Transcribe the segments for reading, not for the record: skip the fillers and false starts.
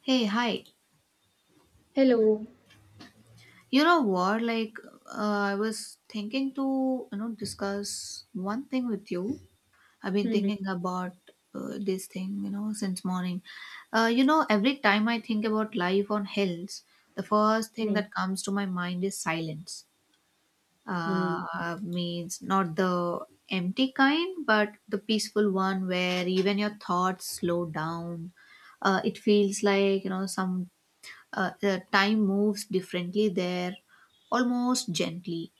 Hey, hi. Hello. You know what? Uh, I was thinking to, discuss one thing with you. I've been Hmm, thinking about this thing, since morning. Every time I think about life on hills, the first thing hmm, that comes to my mind is silence. hmm. Means not the empty kind, but the peaceful one where even your thoughts slow down. It feels like, some the time moves differently there, almost gently.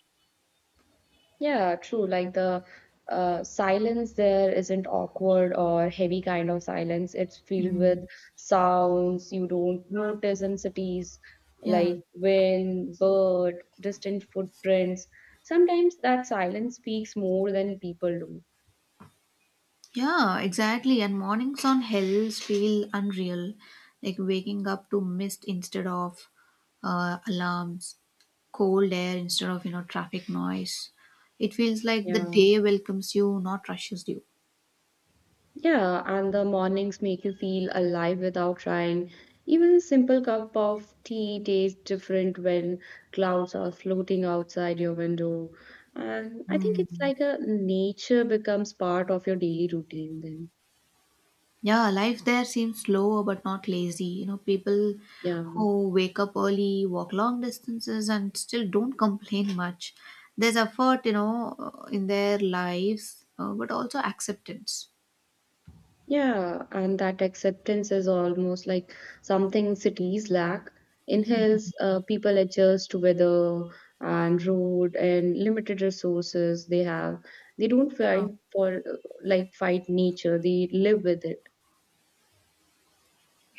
Yeah, true. Like the silence there isn't awkward or heavy kind of silence. It's filled with Mm. sounds you don't notice in cities, Yeah, like wind, bird, distant footprints. Sometimes that silence speaks more than people do. yeah, exactly. And mornings on hills feel unreal, like waking up to mist instead of alarms, cold air instead of traffic noise. It feels like the Yeah. day welcomes you, not rushes you. Yeah, and the mornings make you feel alive without trying. Even a simple cup of tea tastes different when clouds are floating outside your window. And I think it's Mm. like a nature becomes part of your daily routine then. Yeah, life there seems slow, but not lazy. You know, people Yeah. who wake up early, walk long distances, and still don't complain much. There's effort, in their lives, but also acceptance. Yeah, and that acceptance is almost like something cities lack. In hills, people adjust to weather and road and limited resources they have. They don't Yeah. fight for like fight nature. They live with it.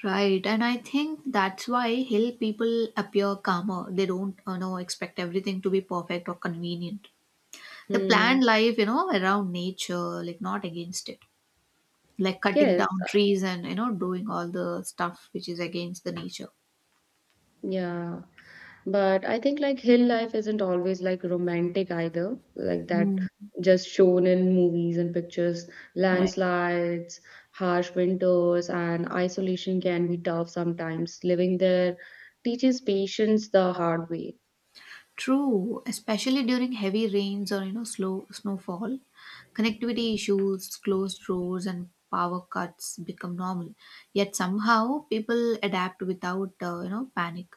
Right, and I think that's why hill people appear calmer. They don't, expect everything to be perfect or convenient. They Hmm. plan life, around nature, like not against it, like cutting Yes. down trees and doing all the stuff which is against the nature. Yeah. But I think like hill life isn't always like romantic either, like that Mm, just shown in movies and pictures. right. Landslides, harsh winters, and isolation can be tough sometimes. Living there teaches patience the hard way. True, especially during heavy rains or slow snowfall, connectivity issues, closed roads, and power cuts become normal. Yet somehow people adapt without panic.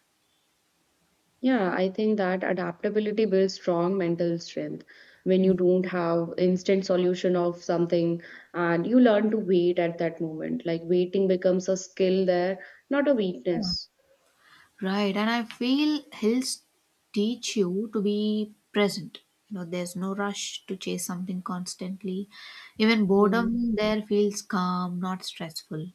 Yeah, I think that adaptability builds strong mental strength when you don't have instant solution of something and you learn to wait at that moment. Like waiting becomes a skill there, not a weakness. Right, and I feel hills teach you to be present. You know, there's no rush to chase something constantly. Even boredom there feels calm, not stressful.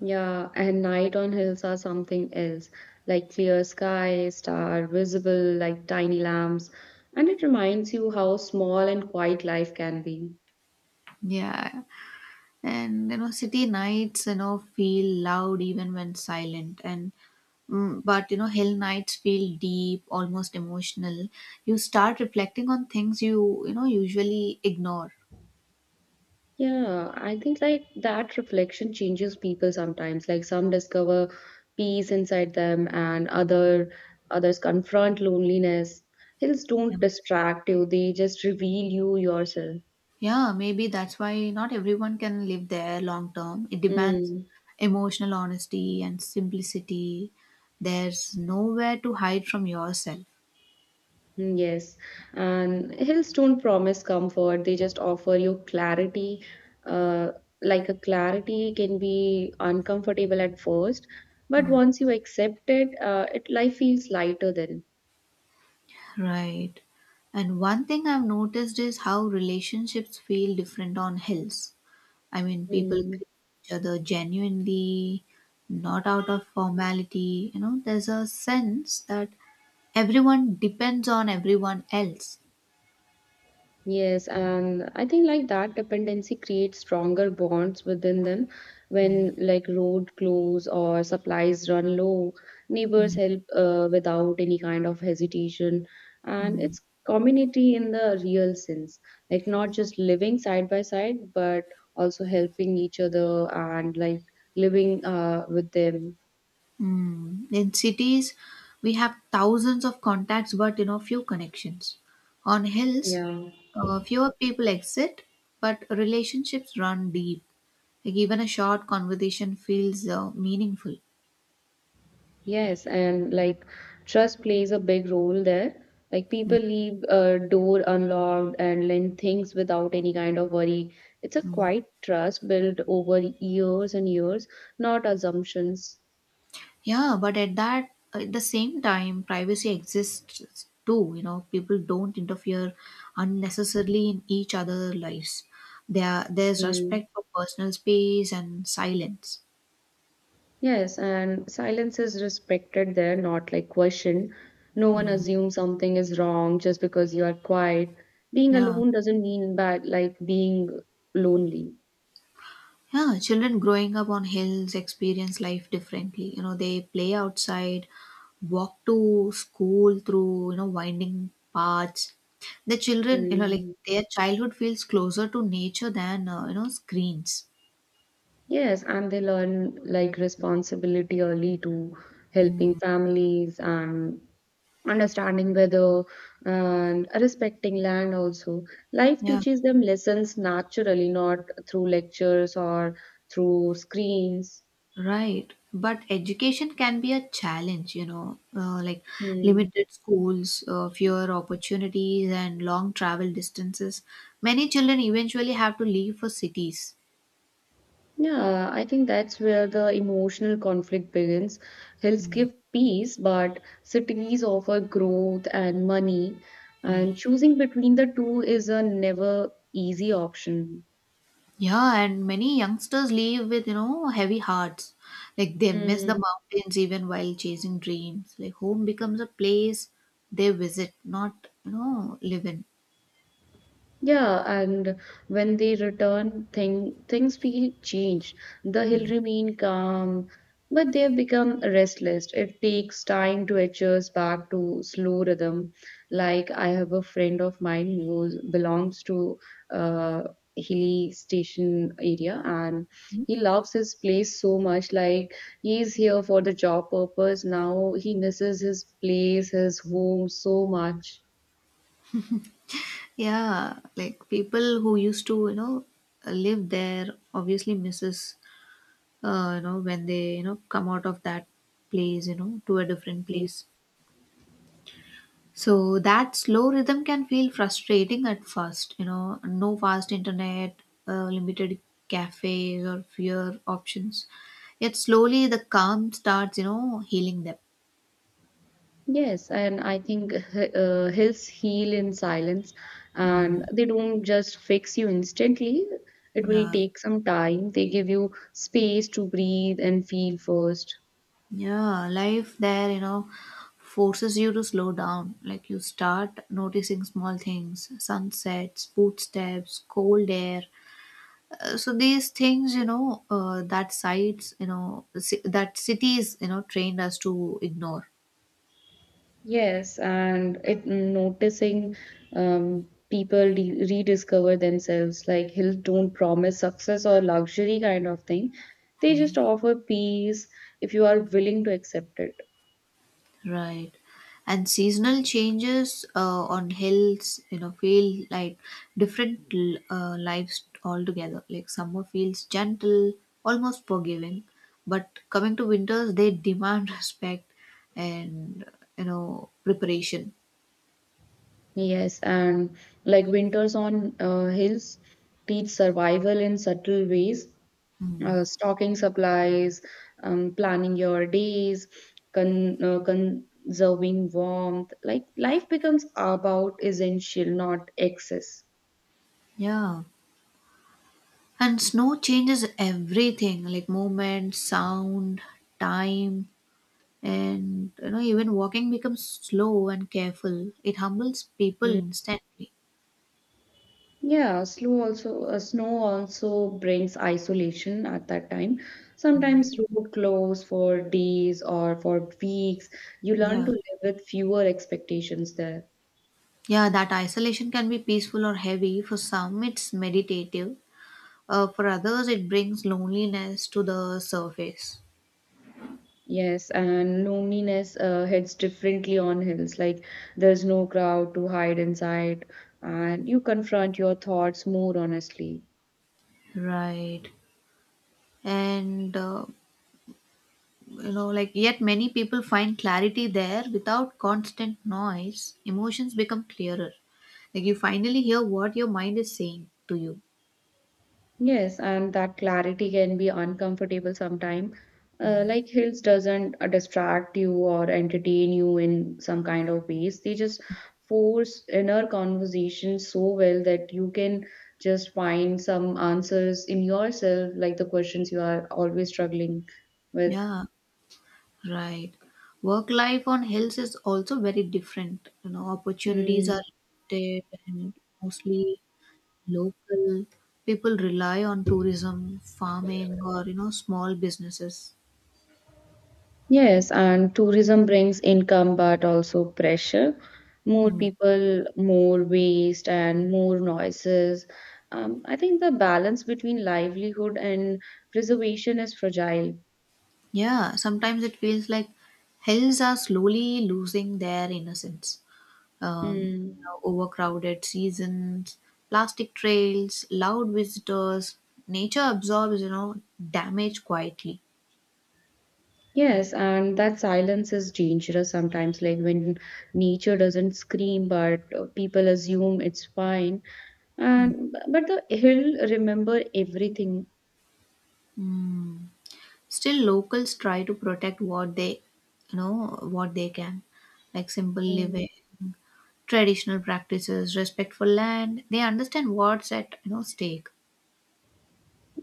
Yeah, and night on hills are something else, like clear sky, star visible like tiny lamps, and it reminds you how small and quiet life can be. Yeah. And city nights feel loud even when silent. But hill nights feel deep, almost emotional. You start reflecting on things you you know usually ignore. Yeah, I think like that reflection changes people sometimes. Like some discover peace inside them and others confront loneliness. Hills Yeah. don't distract you, they just reveal you yourself. Yeah, maybe that's why not everyone can live there long term. It demands Mm. emotional honesty and simplicity. There's nowhere to hide from yourself. Mm, yes, and hills don't promise comfort, they just offer you clarity. Uh, like a clarity can be uncomfortable at first, but Mm. once you accept it, life feels lighter then. Right. And one thing I've noticed is how relationships feel different on hills. I mean, people Mm. greet each other genuinely, not out of formality. You know, there's a sense that everyone depends on everyone else. Yes, and I think like that dependency creates stronger bonds within them Mm. when like road close or supplies run low, neighbors Mm, help without any kind of hesitation. And mm, it's community in the real sense, like not just living side by side, but also helping each other and like living with them. mm. In cities, we have thousands of contacts, but few connections. On hills, Yeah. Fewer people exist, but relationships run deep. Like even a short conversation feels meaningful. Yes, and like trust plays a big role there. Like people leave a door unlocked and lend things without any kind of worry. It's a quiet trust built over years and years, not assumptions. Yeah, but at that at the same time, privacy exists too. You know, people don't interfere unnecessarily in each other's lives. There's Mm. respect for personal space and silence. Yes, and silence is respected there, not like questioned. No one Mm. assumes something is wrong just because you are quiet. Being Yeah. alone doesn't mean bad, like being lonely. Yeah, children growing up on hills experience life differently. You know, they play outside, walk to school through, winding paths. The children, like Mm. their childhood feels closer to nature than, screens. Yes, and they learn like responsibility early to helping families and understanding weather and respecting land also. Life Yeah. teaches them lessons naturally, not through lectures or through screens. Right. But education can be a challenge, like Hmm. limited schools, fewer opportunities, and long travel distances. Many children eventually have to leave for cities. Yeah, I think that's where the emotional conflict begins. Hills Mm, give peace, but cities offer growth and money, mm. and choosing between the two is a never easy option. Yeah, and many youngsters leave with, heavy hearts. Like they miss the Mm, mountains even while chasing dreams. Like home becomes a place they visit, not, live in. yeah, and when they return, things feel changed. The hill remain calm, but they have become restless. It takes time to adjust back to slow rhythm. Like I have a friend of mine who belongs to uh hilly station area, and he loves his place so much. Like he's here for the job purpose. Now he misses his place, his home so much. Yeah, like people who used to, live there obviously misses, when they, come out of that place, to a different place. So that slow rhythm can feel frustrating at first, no fast internet, limited cafes or fewer options. Yet slowly the calm starts, healing them. Yes, and I think hills heal in silence and Mm. they don't just fix you instantly. It will Yeah, take some time. They give you space to breathe and feel first. Yeah, life there, forces you to slow down. Like you start noticing small things: sunsets, footsteps, cold air. So these things, you know, that sites, you know, ci- that cities, trained us to ignore. Yes, and it noticing people re rediscover themselves. Like hills don't promise success or luxury kind of thing. They just offer peace if you are willing to accept it. Right. And seasonal changes on hills, feel like different lives altogether. Like summer feels gentle, almost forgiving, but coming to winters, they demand respect and, preparation. Yes, and like winters on hills teach survival in subtle ways, stocking supplies, planning your days, conserving warmth. Like life becomes about essential, not excess. Yeah. And snow changes everything: like movement, sound, time, and, even walking becomes slow and careful. It humbles people Mm. instantly. Yeah, slow also snow also brings isolation at that time. Sometimes road close for days or for weeks. You learn Yeah. to live with fewer expectations there. Yeah, that isolation can be peaceful or heavy. For some, it's meditative. For others, it brings loneliness to the surface. Yes, and loneliness hits differently on hills. Like there's no crowd to hide inside, and you confront your thoughts more honestly. Right. And, you know, like, yet many people find clarity there without constant noise. Emotions become clearer. Like, you finally hear what your mind is saying to you. Yes, and that clarity can be uncomfortable sometimes. Like hills doesn't distract you or entertain you in some kind of ways. They just force inner conversation so well that you can just find some answers in yourself, like the questions you are always struggling with. Yeah, right. Work life on hills is also very different. You know, opportunities are Hmm. limited, and mostly local people rely on tourism, farming, or small businesses. Yes, and tourism brings income but also pressure. More Mm. people, more waste, and more noises. I think the balance between livelihood and preservation is fragile. Yeah, sometimes it feels like hills are slowly losing their innocence. Mm. Overcrowded seasons, plastic trails, loud visitors, nature absorbs damage quietly. Yes, and that silence is dangerous sometimes, like when nature doesn't scream, but people assume it's fine. And but the hill remember everything. Mm. Still, locals try to protect what they you know what they can, like simple Hmm. living, traditional practices, respect for land. They understand what's at stake.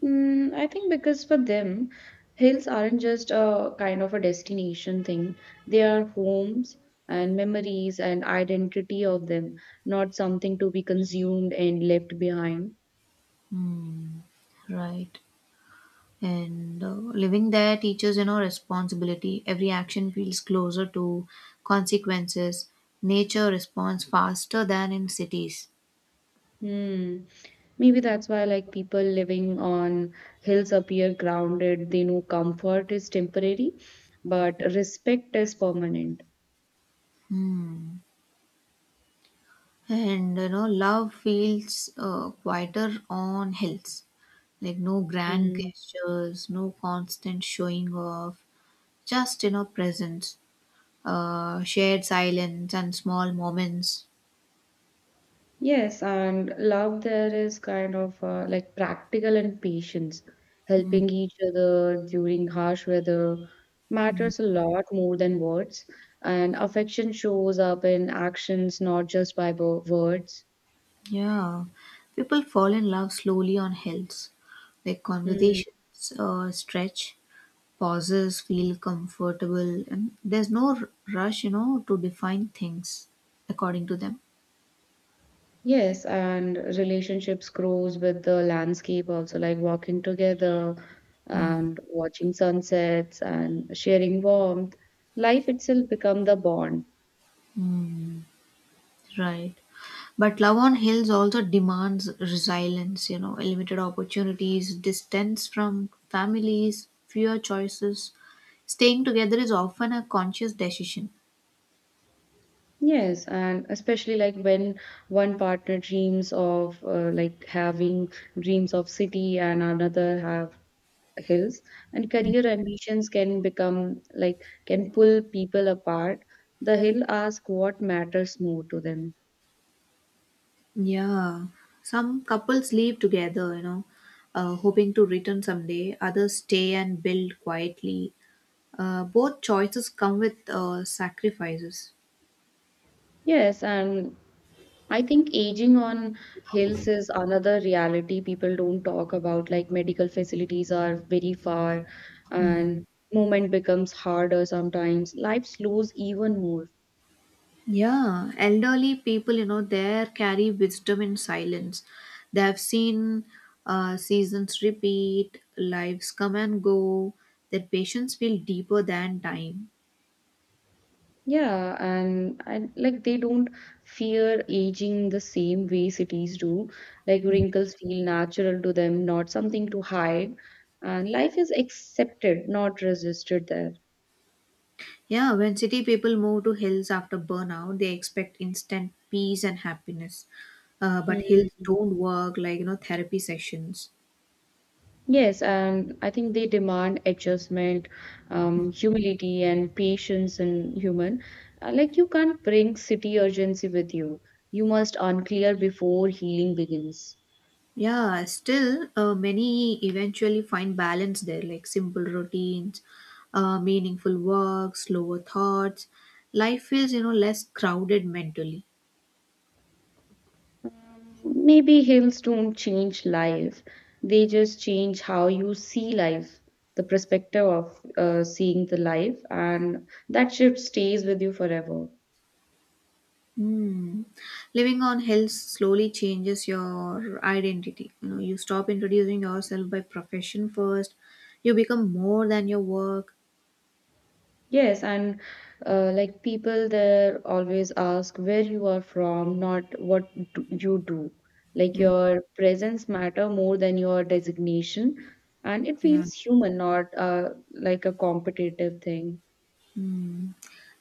I think because for them, hills aren't just a kind of a destination thing. They are homes and memories and identity of them, not something to be consumed and left behind. Hmm, right. And living there teaches responsibility. Every action feels closer to consequences. Nature responds faster than in cities. Hmm. Maybe that's why, like, people living on hills appear grounded. They know comfort is temporary, but respect is permanent. Hmm. And love feels quieter on hills. Like no grand Hmm. gestures, no constant showing off, just presence, shared silence, and small moments. Yes, and love there is kind of like practical and patience. Helping each other during harsh weather matters a lot more than words. And affection shows up in actions, not just by words. Yeah, people fall in love slowly on hills. Their Mm. conversations stretch, pauses feel comfortable, and there's no rush, to define things according to them. Yes, and relationships grows with the landscape also, like walking together Hmm, and watching sunsets and sharing warmth. Life itself become the bond. right. But love on hills also demands resilience, limited opportunities, distance from families, fewer choices. Staying together is often a conscious decision. Yes, and especially like when one partner dreams of like having dreams of city and another have hills, and career ambitions can become like can pull people apart. The hill ask what matters more to them. Yeah, some couples live together, hoping to return someday. Others stay and build quietly. Both choices come with sacrifices. Yes, and I think aging on hills is another reality people don't talk about. Like medical facilities are very far, Mm. and movement becomes harder sometimes. Life slows even more. Yeah, elderly people, they carry wisdom in silence. They have seen seasons repeat, lives come and go. Their patience feel deeper than time. Yeah, and like they don't fear aging the same way cities do. Like wrinkles feel natural to them, not something to hide. And life is accepted, not resisted there. Yeah, when city people move to hills after burnout, they expect instant peace and happiness. But hills Hmm. don't work like therapy sessions. Yes, and I think they demand adjustment, humility, and patience in human. Like you can't bring city urgency with you. You must unclear before healing begins. Yeah, still many eventually find balance there, like simple routines, meaningful work, slower thoughts. Life feels less crowded mentally. Maybe hills don't change life, they just change how you see life, the perspective of seeing the life, and that shift stays with you forever. Hmm. Living on hills slowly changes your identity. You know, you stop introducing yourself by profession first. You become more than your work. Yes, and like people there always ask where you are from, not what do you do. Like Mm. your presence matter more than your designation, and it Yeah. feels human, not like a competitive thing. Hmm.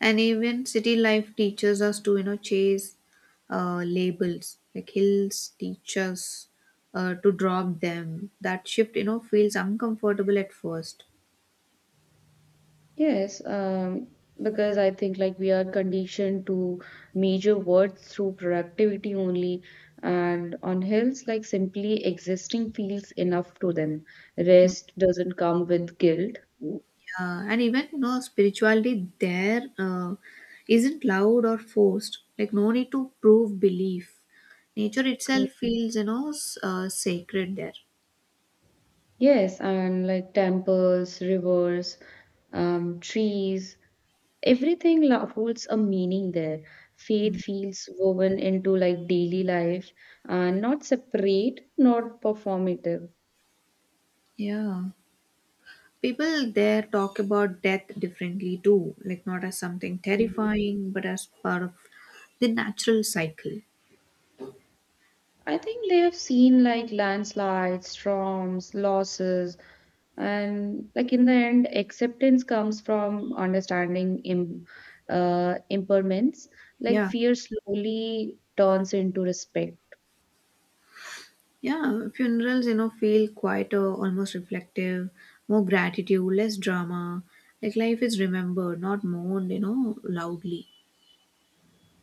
And even city life teaches us to, chase labels. Like hills teach us to drop them. That shift, feels uncomfortable at first. Yes, because I think like we are conditioned to measure worth through productivity only, and on hills, like simply existing feels enough to them. Rest doesn't come with guilt. Mm. Uh, and even spirituality there isn't loud or forced. Like no need to prove belief. Nature itself feels sacred there. Yes, and like temples, rivers, trees, everything holds a meaning there. Faith feels woven into like daily life, and not separate, not performative. Yeah, people there talk about death differently too. Like not as something terrifying, but as part of the natural cycle. I think they have seen like landslides, storms, losses, and like in the end, acceptance comes from understanding impairments. Like Yeah. fear slowly turns into respect. Yeah, funerals feel quieter, almost reflective, more gratitude, less drama. Like life is remembered, not mourned, loudly.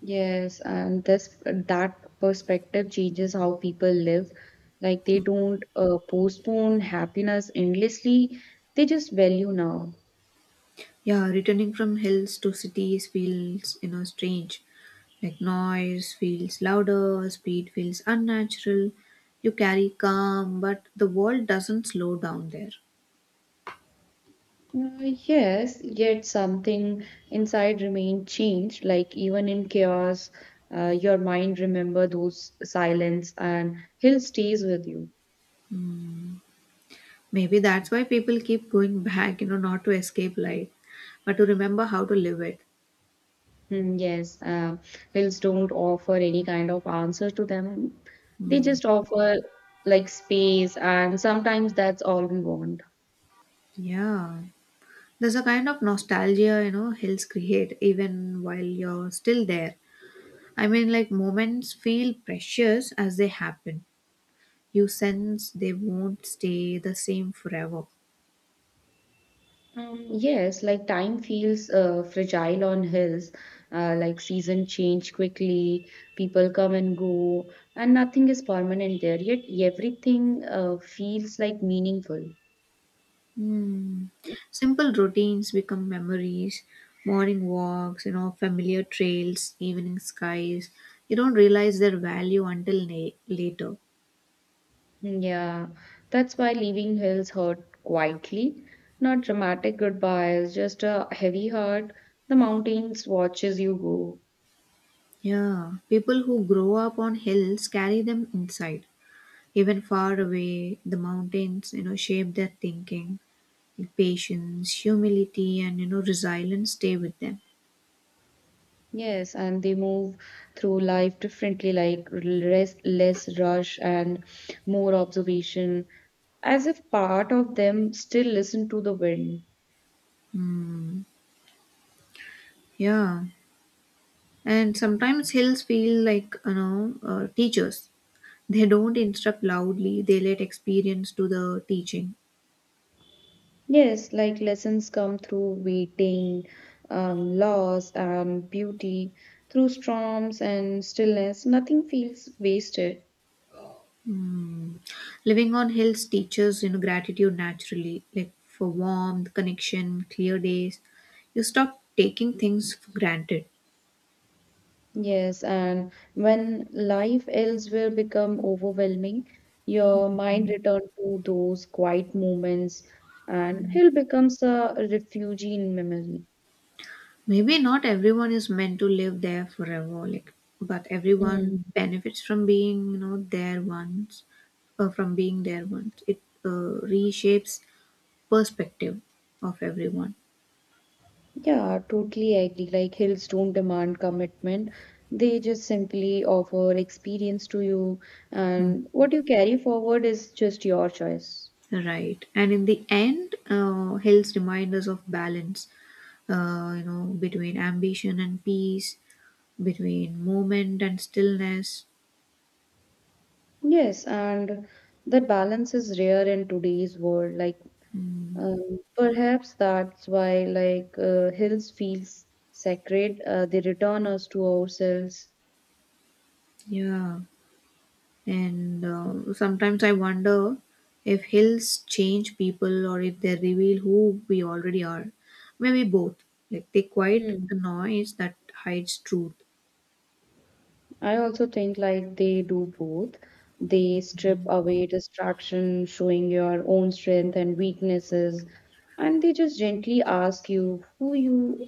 Yes, and this that perspective changes how people live. Like they don't postpone happiness endlessly; they just value now. Yeah, returning from hills to cities feels, strange. Like noise feels louder, speed feels unnatural. You carry calm, but the world doesn't slow down there. Yes, yet something inside remained changed. Like even in chaos, your mind remember those silence and hill stays with you. Maybe that's why people keep going back, not to escape life, but to remember how to live it. Hmm, yes, hills don't offer any kind of answer to them. They just offer like space, and sometimes that's all we want. Yeah. There's a kind of nostalgia, hills create even while you're still there. I mean, like moments feel precious as they happen. You sense they won't stay the same forever. Yes, like time feels fragile on hills, like season change quickly, people come and go, and nothing is permanent there, yet everything feels like meaningful. Hmm. Simple routines become memories: morning walks, familiar trails, evening skies. You don't realize their value until later. Hmm, yeah, that's why leaving hills hurt quietly, not dramatic goodbyes, just a heavy heart. The mountains watches you go. Yeah, people who grow up on hills carry them inside. Even far away, the mountains, shape their thinking. Patience, humility, and resilience stay with them. Yes, and they move through life differently, like less rush and more observation, as if part of them still listen to the wind. Yeah. And sometimes hills feel like, teachers. They don't instruct loudly, they let experience do the teaching. Yes, like lessons come through waiting, loss, and beauty, through storms and stillness. Nothing feels wasted. Mm. Living on hills teaches, gratitude naturally, like for warmth, connection, clear days. You stop taking things for granted. Yes, and when life elsewhere become overwhelming, your mind return to those quiet moments and hill becomes a refuge in memory. Maybe not everyone is meant to live there forever, like, but Mm. everyone benefits from being, from being there once. It reshapes perspective of everyone. Yeah, totally agree. Like hills don't demand commitment. They just simply offer experience to you and what you carry forward is just your choice. Right, and in the end helps remind us of balance, between ambition and peace, between movement and stillness. Yes, and that balance is rare in today's world. Like Mm, perhaps that's why, like, hills feels sacred. They return us to ourselves. yeah. And sometimes I wonder if hills change people or if they reveal who we already are. Maybe both. Like they quiet Hmm. the noise that hides truth. I also think like they do both. They strip away distraction, showing your own strength and weaknesses, and they just gently ask you who you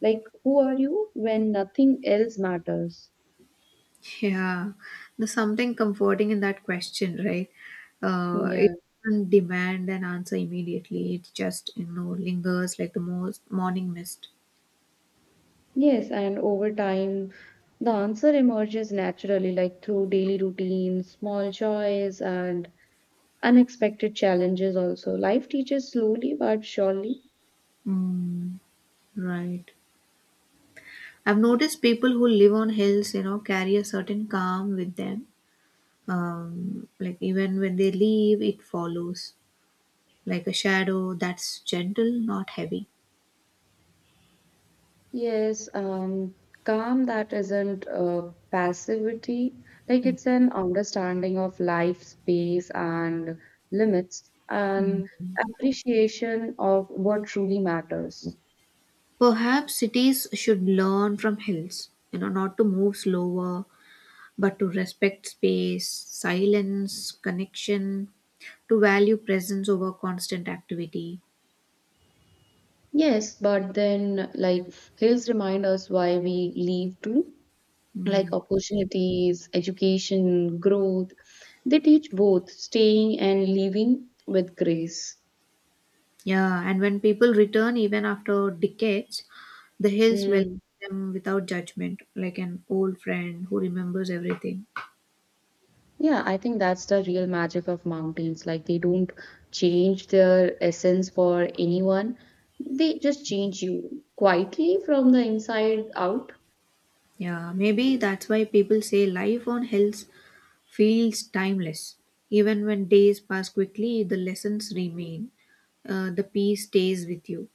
like, who are you when nothing else matters. Yeah, there's something comforting in that question, right? It Yeah. doesn't demand an answer immediately. It just, lingers like the most morning mist. Yes, and over time, the answer emerges naturally, like through daily routines, small joys, and unexpected challenges also. Life teaches slowly but surely. Mm, right. I've noticed people who live on hills, carry a certain calm with them. Like even when they leave, it follows like a shadow that's gentle, not heavy. Yes, calm that isn't passivity, like it's an understanding of life, space, and limits, and appreciation of what truly matters. Perhaps cities should learn from hills, not to move slower, but to respect space, silence, connection, to value presence over constant activity. Yes, but then like hills remind us why we leave too. Like Mm. opportunities, education, growth. They teach both staying and leaving with grace. Yeah, and when people return, even after decades, the hills welcome Mm. them without judgment, like an old friend who remembers everything. Yeah, I think that's the real magic of mountains. Like they don't change their essence for anyone. They just change you quietly from the inside out. Yeah, maybe that's why people say life on hills feels timeless. Even when days pass quickly, the lessons remain. The peace stays with you.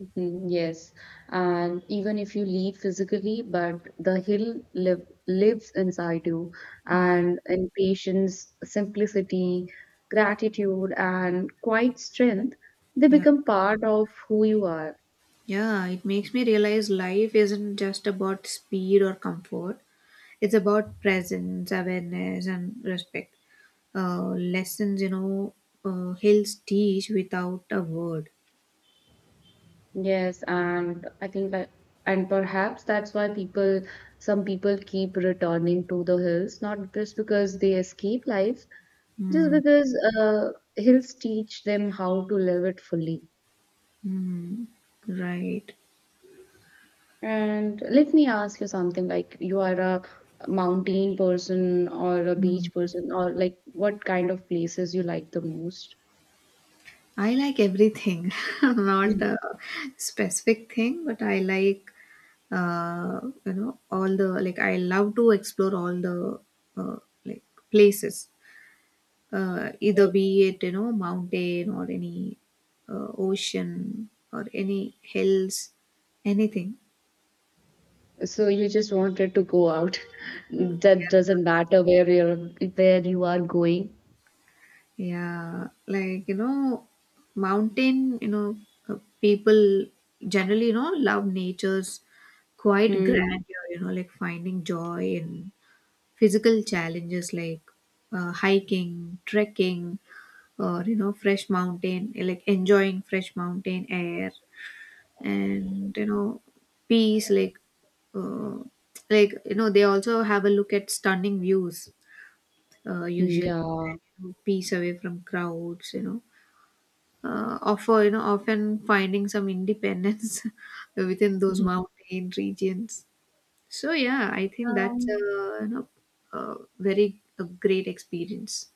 Mm, yes, and even if you leave physically, but the hill lives inside you, Mm, and in patience, simplicity, gratitude, and quiet strength, they yeah. become part of who you are. Yeah, it makes me realize life isn't just about speed or comfort. It's about presence, awareness, and respect. Lessons, hills teach without a word. Yes, and I think that, and perhaps that's why some people keep returning to the hills, not just because they escape life, just Mm, because uh, hills teach them how to live it fully. mm, right. And let me ask you something like you are a mountain person or a beach Mm. person or like what kind of places you like the most? I like everything, not Mm. a specific thing, but I like, all the, like, I love to explore all the, uh, like, places. Uh, either be it mountain or any ocean or any hills, anything. So you just wanted to go out. That doesn't matter where you are going. Yeah, like mountain, people generally love nature's quite Mm, grandeur, like finding joy in physical challenges like hiking, trekking, or fresh mountain, like enjoying fresh mountain air and peace. Like uh, like they also have a look at stunning views, usually, yeah. peace away from crowds, offer, often finding some independence within those Mm. mountain regions. So yeah, I think that's a, Um, a very a great experience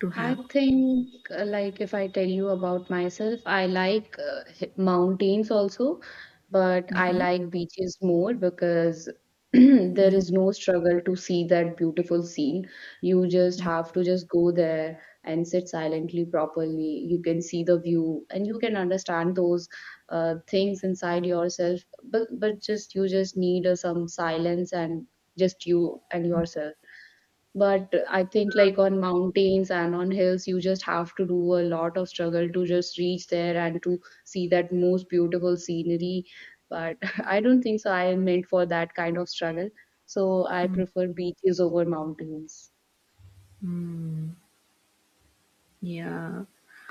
to I have. think, like, if I tell you about myself, I like mountains also, but I Mhm. like beaches more because there Mhm. is no struggle to see that beautiful scene. You just have to just go there and sit silently properly. You can see the view and you can understand those things inside yourself, but just you just need some silence and just you and yourself. But I think like on mountains and on hills, you just have to do a lot of struggle to just reach there and to see that most beautiful scenery. But I don't think so. I am meant for that kind of struggle. So I prefer beaches over mountains. Mhm. Yeah.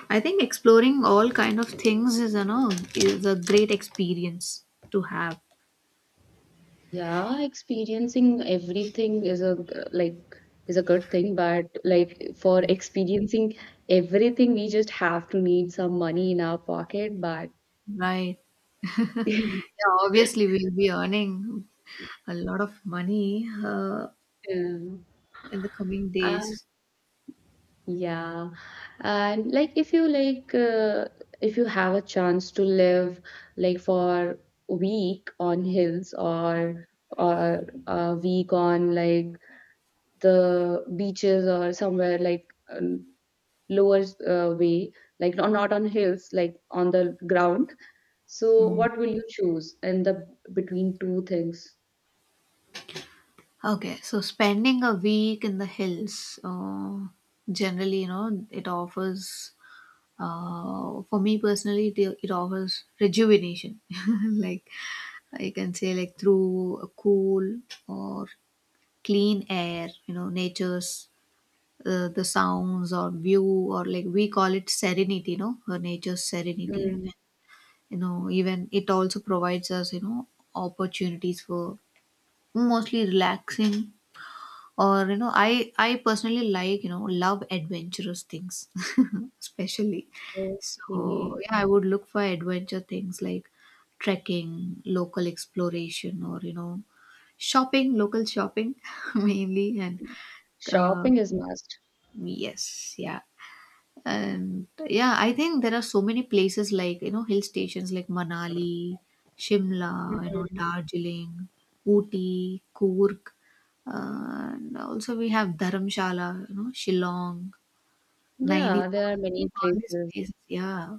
I think exploring all kind of things is, a great experience to have, Yeah, experiencing everything is a good thing, but like for experiencing everything, we just have to need some money in our pocket. But right? yeah. Yeah, obviously we'll be earning a lot of money in the coming Uh, days. Yeah. And like if you have a chance to live like for a week on hills or a week on like the beaches or somewhere like lower way like not on hills like on the ground. So Mm. what will you choose in the between two things? Okay, so spending a week in the hills, generally, it offers, for me personally, it offers rejuvenation. Like I can say, like through a cool or clean air, nature's the sounds or view, or like we call it serenity, nature's serenity. Mm, You know, even it also provides us, opportunities for mostly relaxing, or I personally love adventurous things, especially. okay. So yeah, I would look for adventure things like trekking, local exploration, or shopping, local shopping mainly, and uh, Shopping is must. yes, yeah. And yeah, I think there are so many places, like, hill stations like Manali, Shimla, Mm. Darjeeling, Ooty, Coorg. And also we have Dharamshala, Shillong, Nainital, Yeah, there are like many all these places. places, yeah.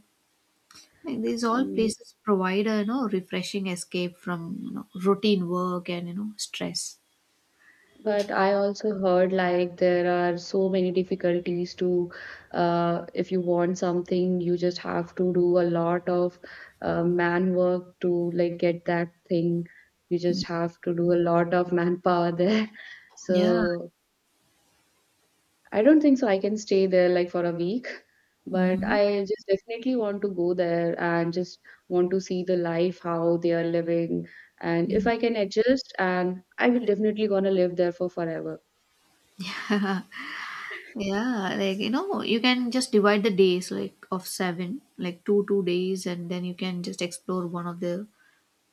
Like these all Um, places provide a, refreshing escape from, routine work and, stress. But I also heard like there are so many difficulties to, if you want something, you just have to do a lot of man work to like get that thing. You just have to do a lot of manpower there. Yeah. So I don't think so. I can stay there like for a week, but Mhm. I just definitely want to go there and just want to see the life, how they are living. And if I can adjust, and I will definitely gonna live there for forever. Yeah, like you can just divide the days like of seven, like 2 2 days, and then you can just explore one of the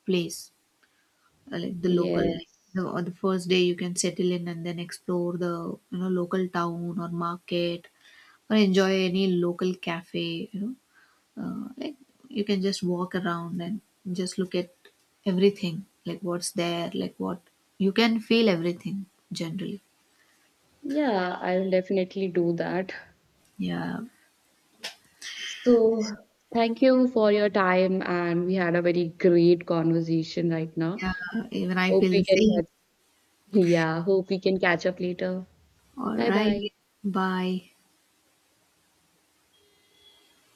place, like the local. Like, the, Yes. or the first day you can settle in and then explore the local town or market, or enjoy any local cafe. You know, like you can just walk around and just look at everything, like what's there, like what you can feel everything generally. Yeah, I'll definitely do that. Yeah, So, thank you for your time, and we had a very great conversation right now. yeah. Even I Hope feel the we can same. catch, yeah, hope we can catch up later. All Bye bye. right. Bye.